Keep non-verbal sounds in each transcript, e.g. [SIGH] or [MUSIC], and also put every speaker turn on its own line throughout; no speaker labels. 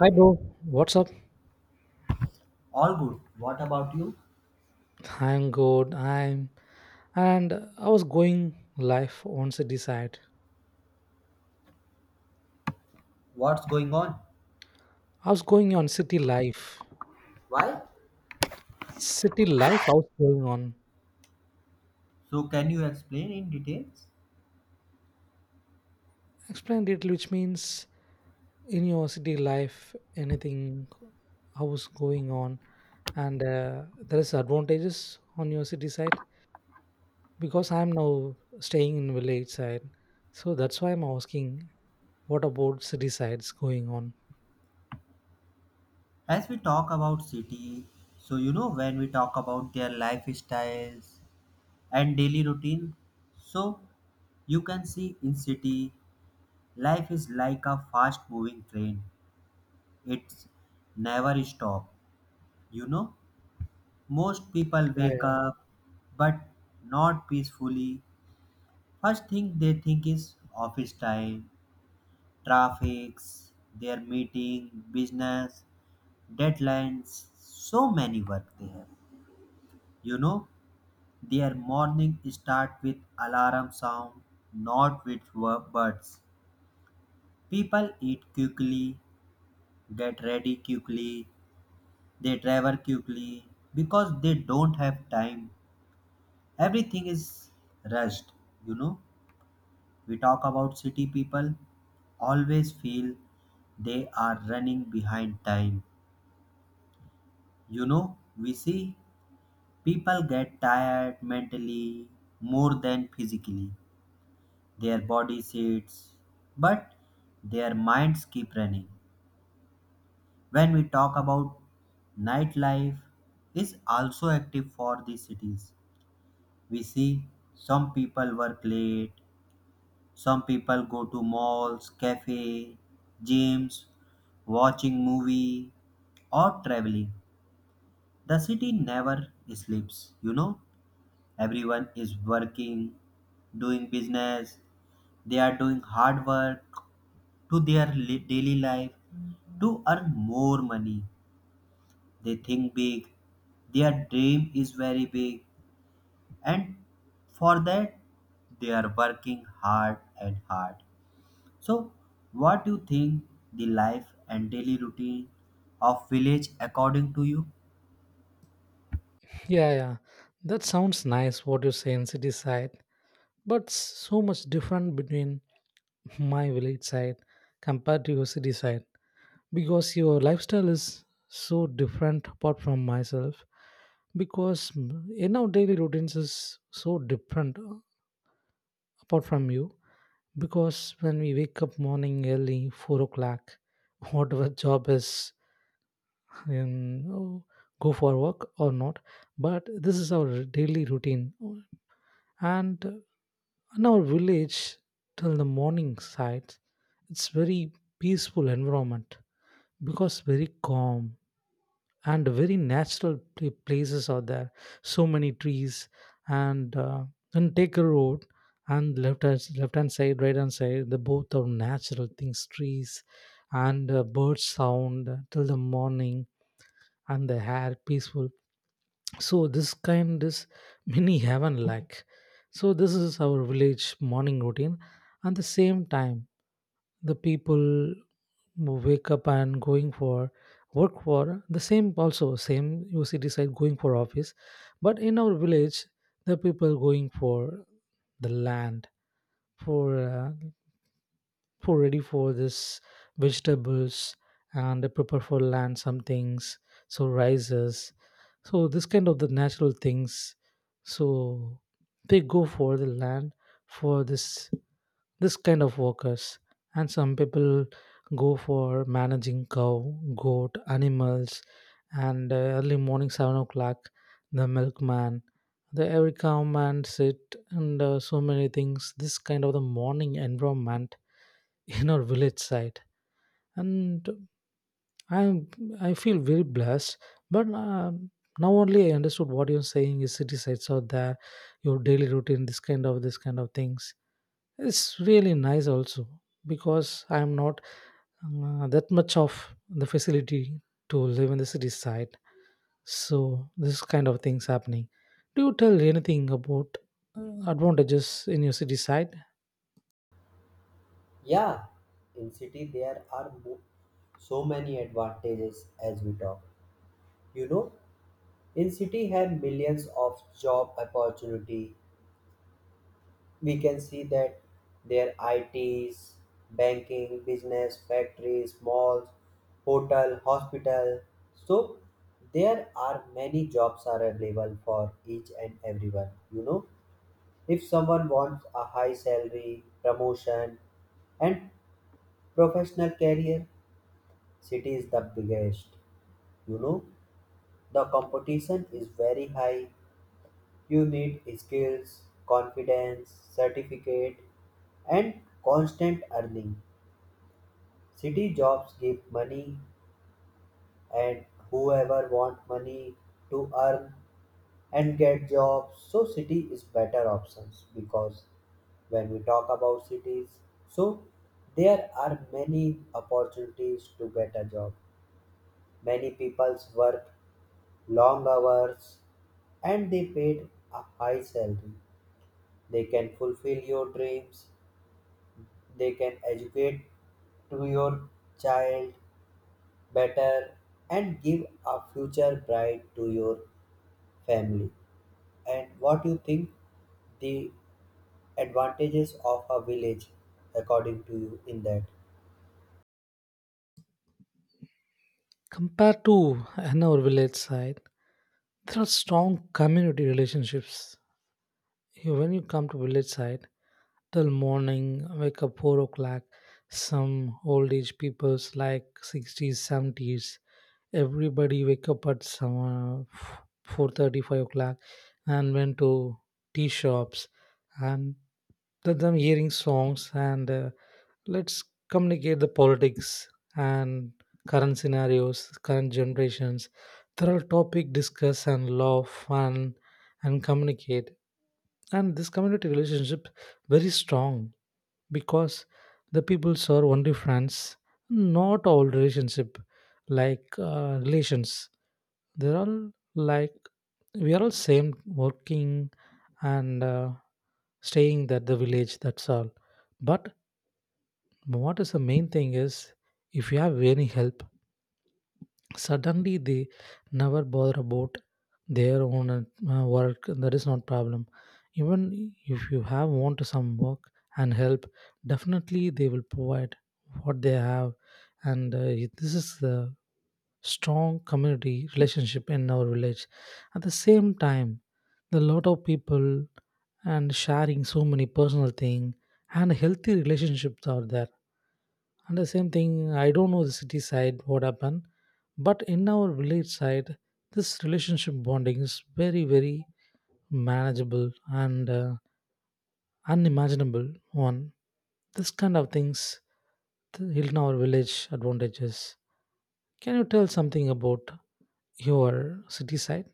Hi bro, what's up?
All good. What about you?
I'm good. I was going life on city side.
What's going on?
I was going on city life.
Why?
City life, I was going on.
So can you explain in details?
Explained it, which means in your city life, anything I was going on, and there is advantages on your city side because I'm now staying in village side. So that's why I'm asking, what about city sides going on?
As we talk about city, when we talk about their lifestyles and daily routine, so you can see in city life is like a fast moving train. It's never stop. You know, most people wake up but not peacefully. First thing they think is office time traffics, their meeting, business, deadlines, so many work they have. You know, their morning start with alarm sound, not with words. People eat quickly, get ready quickly, they travel quickly because they don't have time. Everything is rushed, you know. We talk about city people always feel they are running behind time. You know, we see people get tired mentally more than physically. Their body sits, but their minds keep running. When we talk about nightlife is also active for the cities. We see some people work late, some people go to malls, cafe, gyms, watching movie or traveling. The city never sleeps, you know. Everyone is working, doing business, they are doing hard work to their daily life to earn more money. They think big, their dream is very big, and for that they are working hard and hard. So what do you think the life and daily routine of village according to you?
Yeah, yeah. That sounds nice what you say in city side, but so much different between my village side compared to your city side because your lifestyle is so different apart from myself because in our daily routines is so different apart from you because when we wake up morning early 4 o'clock [LAUGHS] whatever job is in go for work or not, but this is our daily routine. And in our village till the morning sides it's very peaceful environment because very calm and very natural places are there, so many trees, and uh, and take a road, and left hand side, right hand side, the both are natural things, trees, and bird sound till the morning, and the air peaceful. So this kind, this mini heaven like. So this is our village morning routine. And the same time the people who wake up and going for work for the same also same uct side going for office, but in our village the people going for the land for uh, for ready for this vegetables and prepare for land some things, so rices, so this kind of the natural things. So they go for the land for this this kind of workers, and some people go for managing cow, goat animals, and early morning 7 o'clock the milkman, the every cow man sit, and so many things, this kind of the morning environment in our village side. And i I feel very blessed, but now only I understood what you're saying is city sites out there, your daily routine, this kind of things. It's really nice also because I'm not that much of the facility to live in the city side, so this kind of things happening. Do you tell anything about advantages in your city side?
Yeah, in city there are so many advantages as we talk. You know, in city have millions of job opportunity. We can see that their ITs, banking, business, factories, malls, hotel, hospital. So there are many jobs are available for each and everyone. You know, if someone wants a high salary, promotion, and professional career, city is the biggest. You know, the competition is very high. You need skills, confidence, certificate, and constant earning. City jobs give money, and whoever want money to earn and get jobs, so city is better options because when we talk about cities, so there are many opportunities to get a job. Many people's work long hours and they paid a high salary. They can fulfill your dreams, they can educate to your child better and give a future bright to your family. And what you think the advantages of a village according to you in that?
Compared to [LAUGHS] in our village side, there are strong community relationships. When you come to village side, till morning, wake up 4 o'clock, some old age peoples like 60s, 70s, everybody wake up at some o'clock and went to tea shops and then them hearing songs, and let's communicate the politics and current scenarios, current generations. There are topic discuss and laugh, and communicate. And this community relationship very strong because the peoples are only friends, not all relationship like relations. They're all like we are all same working and staying at the village. That's all. But but what is the main thing is if you have any help, suddenly they never bother about their own work. That is not problem. Even if you have want some work and help, definitely they will provide what they have, and this is the strong community relationship in our village. At the same time, the lot of people and sharing so many personal thing and healthy relationships are there. And the same thing, I don't know the city side what happened, but in our village side this relationship bonding is very, very manageable and unimaginable one, this kind of things, the Hilton our village advantages. Can you tell something about your city side?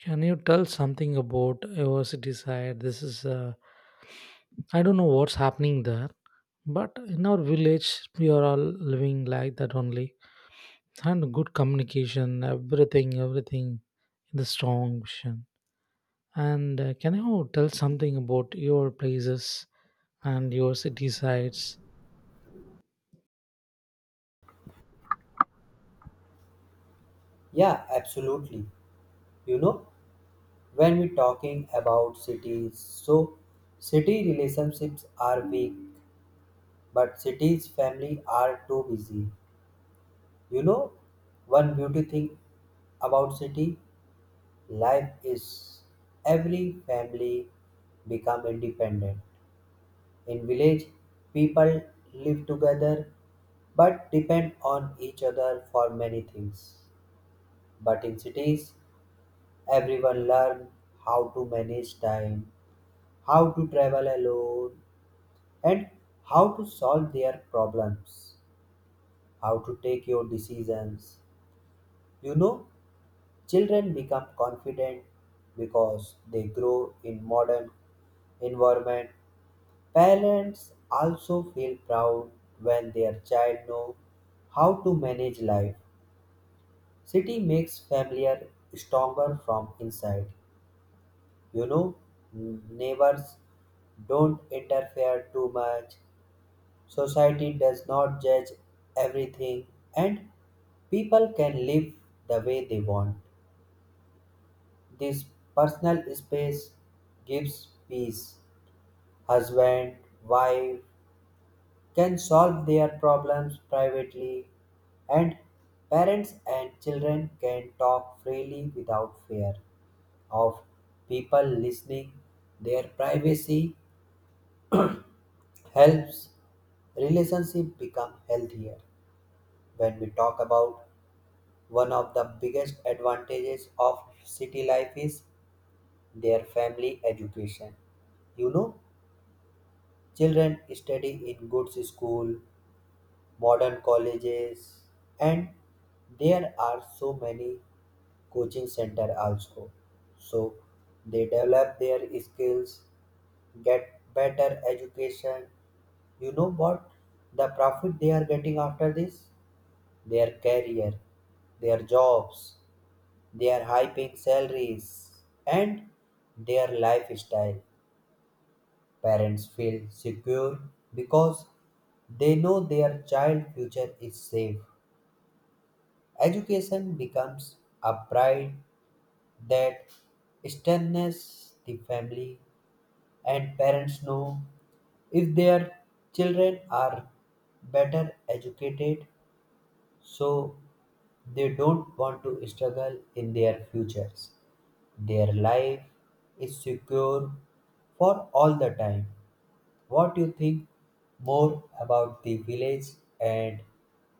Can you tell something about your city side? This is I don't know what's happening there, but in our village we are all living like that only, and good communication, everything, in the strong vision, and can you tell something about your places and your city sides?
Yeah, absolutely. You know, when we talking about cities, so city relationships are weak but cities family are too busy. You know, one beauty thing about city life is every family become independent. In village, people live together but depend on each other for many things. But in cities, everyone learn how to manage time, how to travel alone, and how to solve their problems, how to take your decisions. You know, children become confident because they grow in modern environment. Parents also feel proud when their child know how to manage life. City makes familiar stronger from inside. You know, neighbors don't interfere too much. Society does not judge everything and people can live the way they want. This personal space gives peace. Husband, wife, can solve their problems privately, and parents and children can talk freely without fear of people listening. Their privacy helps relationship become healthier. When we talk about one of the biggest advantages of city life is their family education. You know, children study in good school, modern colleges, and there are so many coaching center also. So they develop their skills, get better education. You know what the profit they are getting after this, their career, their jobs, their high paying salaries, and their lifestyle. Parents feel secure because they know their child future is safe. Education becomes a pride that strengthens the family, and parents know if their children are better educated, so they don't want to struggle in their futures. Their life is secure for all the time. What do you think more about the village and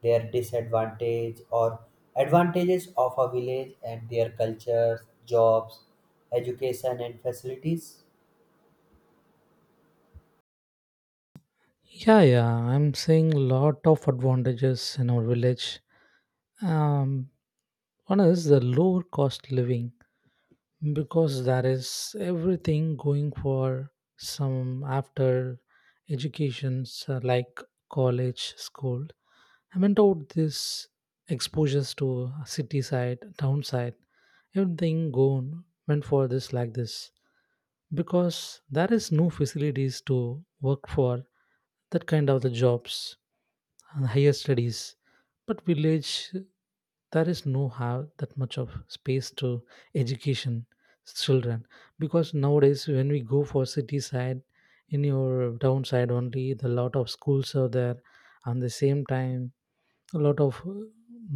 their disadvantage or advantages of a village and their cultures, jobs, education and facilities?
Yeah, yeah, I'm seeing lot of advantages in our village. um One is the lower cost living because there is everything going for some after educations like college, school. I meant out this exposures to city side, town side. Everything gone went for this, like this, because there is no facilities to work for that kind of the jobs and higher studies. But village, there is no have that much of space to education children, because nowadays when we go for city side, in your town side only the lot of schools are there. And the same time, a lot of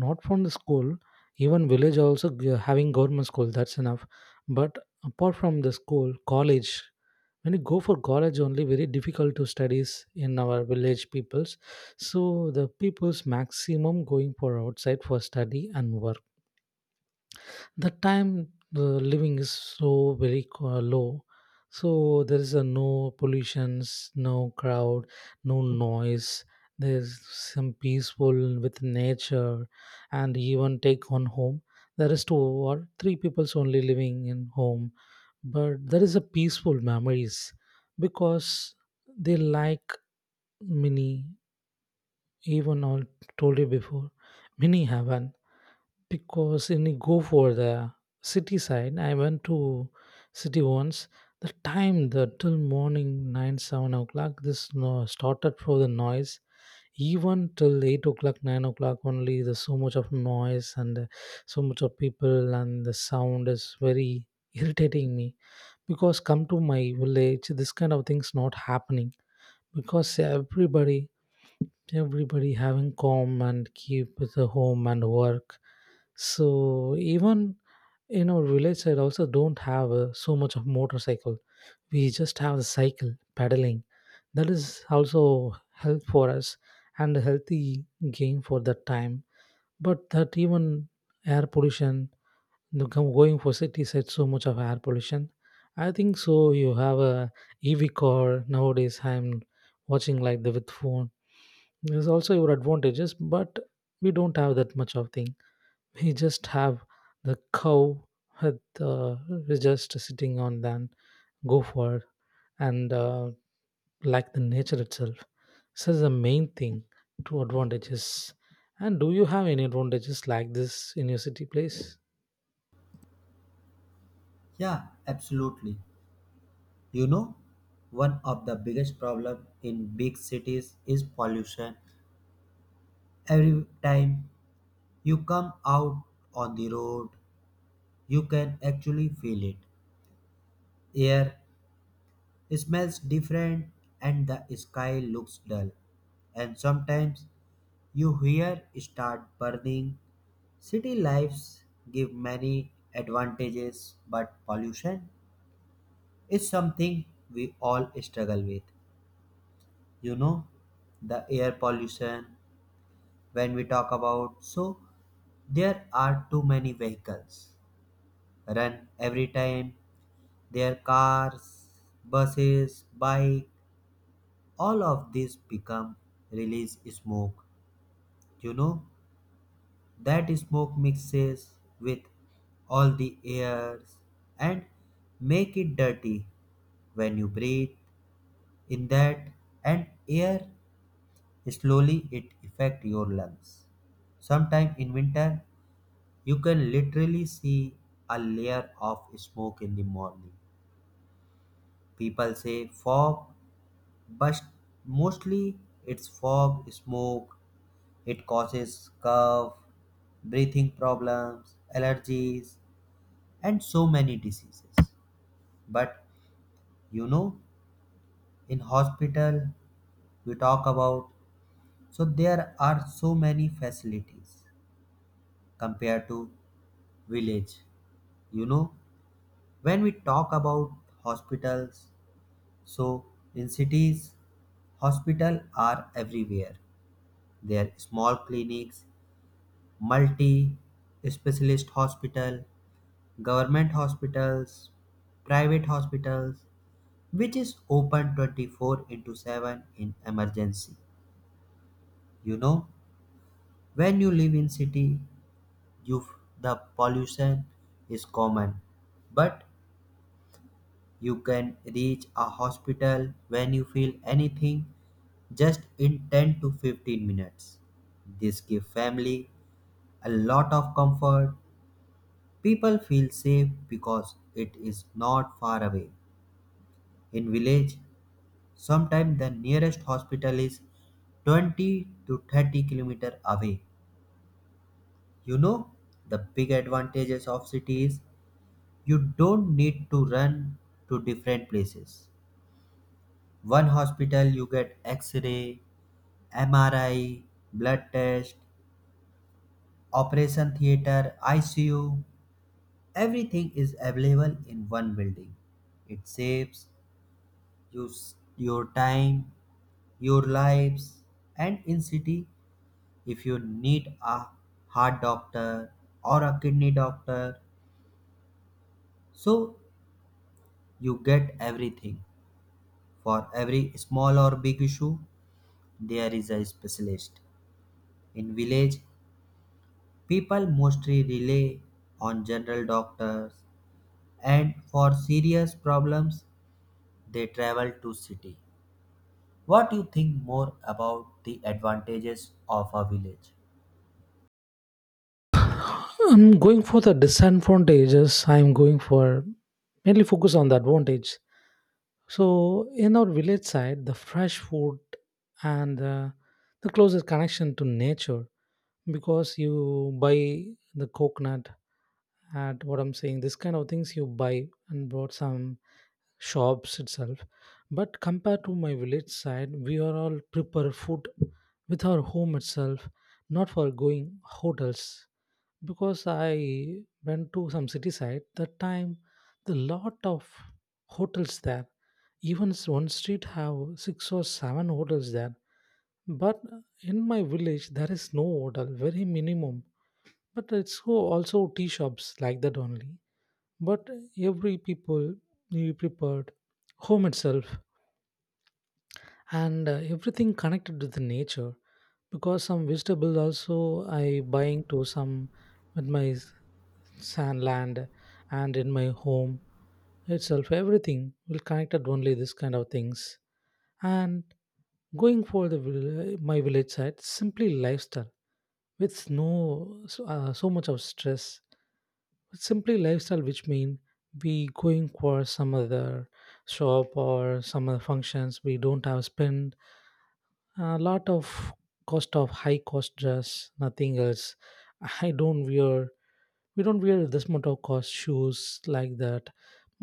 not from the school, even village also having government school, that's enough. But apart from the school college, when you go for college only very difficult to studies in our village peoples. So the peoples maximum going for outside for study and work. The time the living is so very low. So there is a no pollutions, no crowd, no noise. There's some peaceful with nature, and even take on home, there is two or three peoples only living in home, but there is a peaceful memories because they like mini, even I told you before, mini heaven. Because when you go for the city side, I went to city once. The time the till morning 9 7 o'clock this no, started for the noise. Even till 8 o'clock 9 o'clock only, there's so much of noise and so much of people, and the sound is very irritating me. Because come to my village, this kind of things not happening because everybody, everybody having calm and keep the home and work. So even in our village side also don't have so much of motorcycle. We just have the cycle pedaling. That is also help for us and a healthy gain for that time. But that even air pollution, the going for city side so much of air pollution. I think so. You have a EV car nowadays. I'm watching like the with phone. There's also your advantages, but we don't have that much of thing. He just have the cow with just sitting on, then go for it, and like the nature itself. So the main thing two advantages, and do you have any advantages like this in your city place?
Yeah, absolutely. You know, one of the biggest problem in big cities is pollution. Every time you come out on the road, you can actually feel it. Air, it smells different and the sky looks dull. And sometimes you hear start burning. City lives give many advantages, but pollution is something we all struggle with. You know, the air pollution, when we talk about, so there are too many vehicles run every time. Their cars, buses, bike, all of this become release smoke. You know, that smoke mixes with all the airs and make it dirty. When you breathe in that and air, slowly it affect your lungs. Sometime in winter you can literally see a layer of smoke in the morning. People say fog, but mostly it's fog smoke. It causes cough, breathing problems, allergies, and so many diseases. But you know, in hospital we talk about, so there are so many facilities compared to village. You know, when we talk about hospitals, so in cities hospital are everywhere. There are small clinics, multi specialist hospital, government hospitals, private hospitals, which is open 24 into 7 in emergency. You know, when you live in city, you, the pollution is common, but you can reach a hospital when you feel anything just in 10 to 15 minutes. This gives family a lot of comfort. People feel safe because it is not far away. In village, sometimes the nearest hospital is 20 to 30 kilometer away. You know, the big advantages of city is you don't need to run to different places. One hospital you get x-ray, MRI, blood test, operation theater, ICU, everything is available in one building. It saves you your time, your lives, and in city if you need a heart doctor or a kidney doctor, so you get everything. For every small or big issue there is a specialist. In village people mostly rely on general doctors and for serious problems they travel to city. What do you think more about the advantages of a village
I'm going for the disadvantages, I'm going for mainly focus on the advantage. So in our village side, the fresh food and the closest connection to nature. Because you buy the coconut, at what I'm saying, this kind of things you buy and brought some shops itself. But compared to my village side, we are all prepare food with our home itself, not for going hotels. Because I went to some city side that time, the lot of hotels there, even one street have six or seven hotels there. But in my village there is no hotel, very minimum. But it's so also tea shops like that only. But every people you prepared home itself, and everything connected to the nature, because some vegetables also I buying to some with my sand land, and in my home itself everything will connected only, this kind of things. And going for the my village side, simply lifestyle with no so much of stress. It's simply lifestyle, which mean we going for some other shop or some other functions, we don't have spend a lot of cost of high cost dress, nothing else. [LAUGHS] I don't wear we don't wear this much of cost shoes, like that.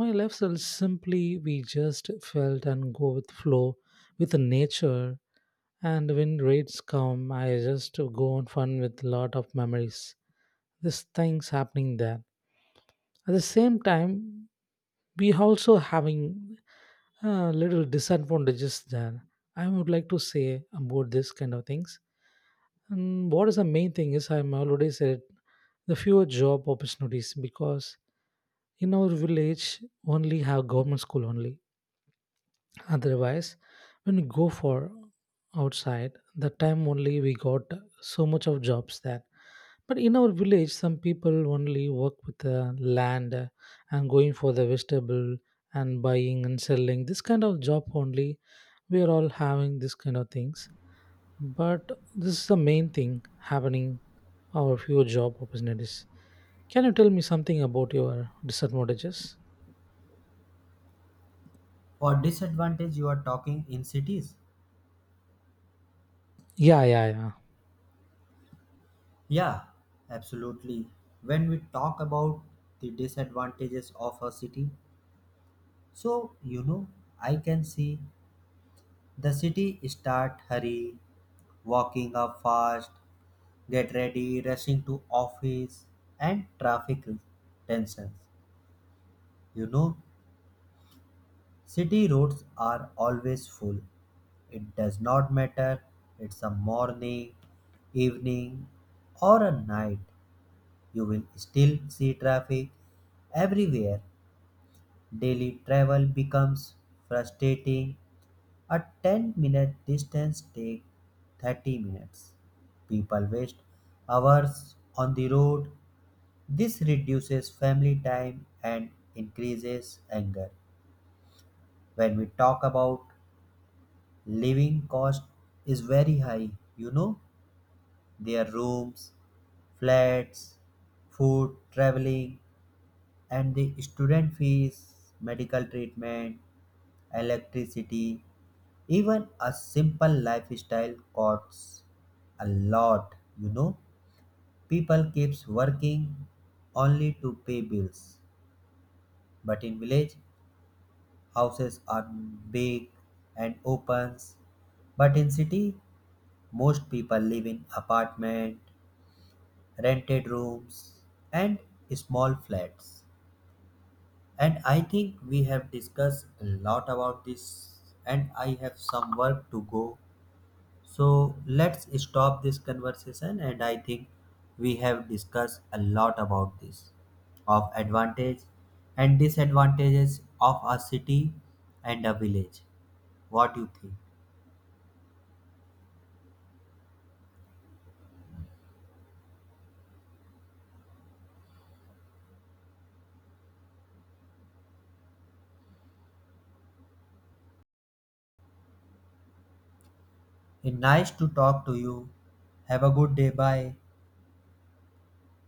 My lifestyle is simply we just felt and go with flow with the nature, and when rates come, I just go on fun with a lot of memories. This thing's happening there. At the same time, we also having little disadvantages there. I would like to say about this kind of things. And what is the main thing is I'm already said the fewer job opportunities because in our village only have government school only. Otherwise, when we go for outside, the time only we got so much of jobs there. But in our village, some people only work with the land and going for the vegetable and buying and selling. This kind of job only, we are all having this kind of things. But this is the main thing happening our few job opportunities. Can you tell me something about your disadvantages?
or disadvantage you are talking in cities?
Yeah, yeah, yeah.
Yeah, absolutely. When we talk about the disadvantages of a city, so you know, I can see the city start hurry, walking up fast, get ready, rushing to office, and traffic tensions. You know, city roads are always full. It does not matter it's a morning, evening, or a night, you will still see traffic everywhere. Daily travel becomes frustrating. A 10-minute distance takes 30 minutes. People waste hours on the road. This reduces family time and increases anger. When we talk about living cost is very high, you know, their rooms, flats, food, traveling, and the student fees, medical treatment, electricity, even a simple lifestyle costs a lot, you know. People keeps working only to pay bills. But in village, houses are big and opens. But in city, most people live in apartment, rented rooms, and small flats. And I think we have discussed a lot about this and I have some work to go. So let's stop this conversation, and I think we have discussed a lot about this of advantage and disadvantages of a city and a village. What you think? It's nice to talk to you. Have a good day. Bye.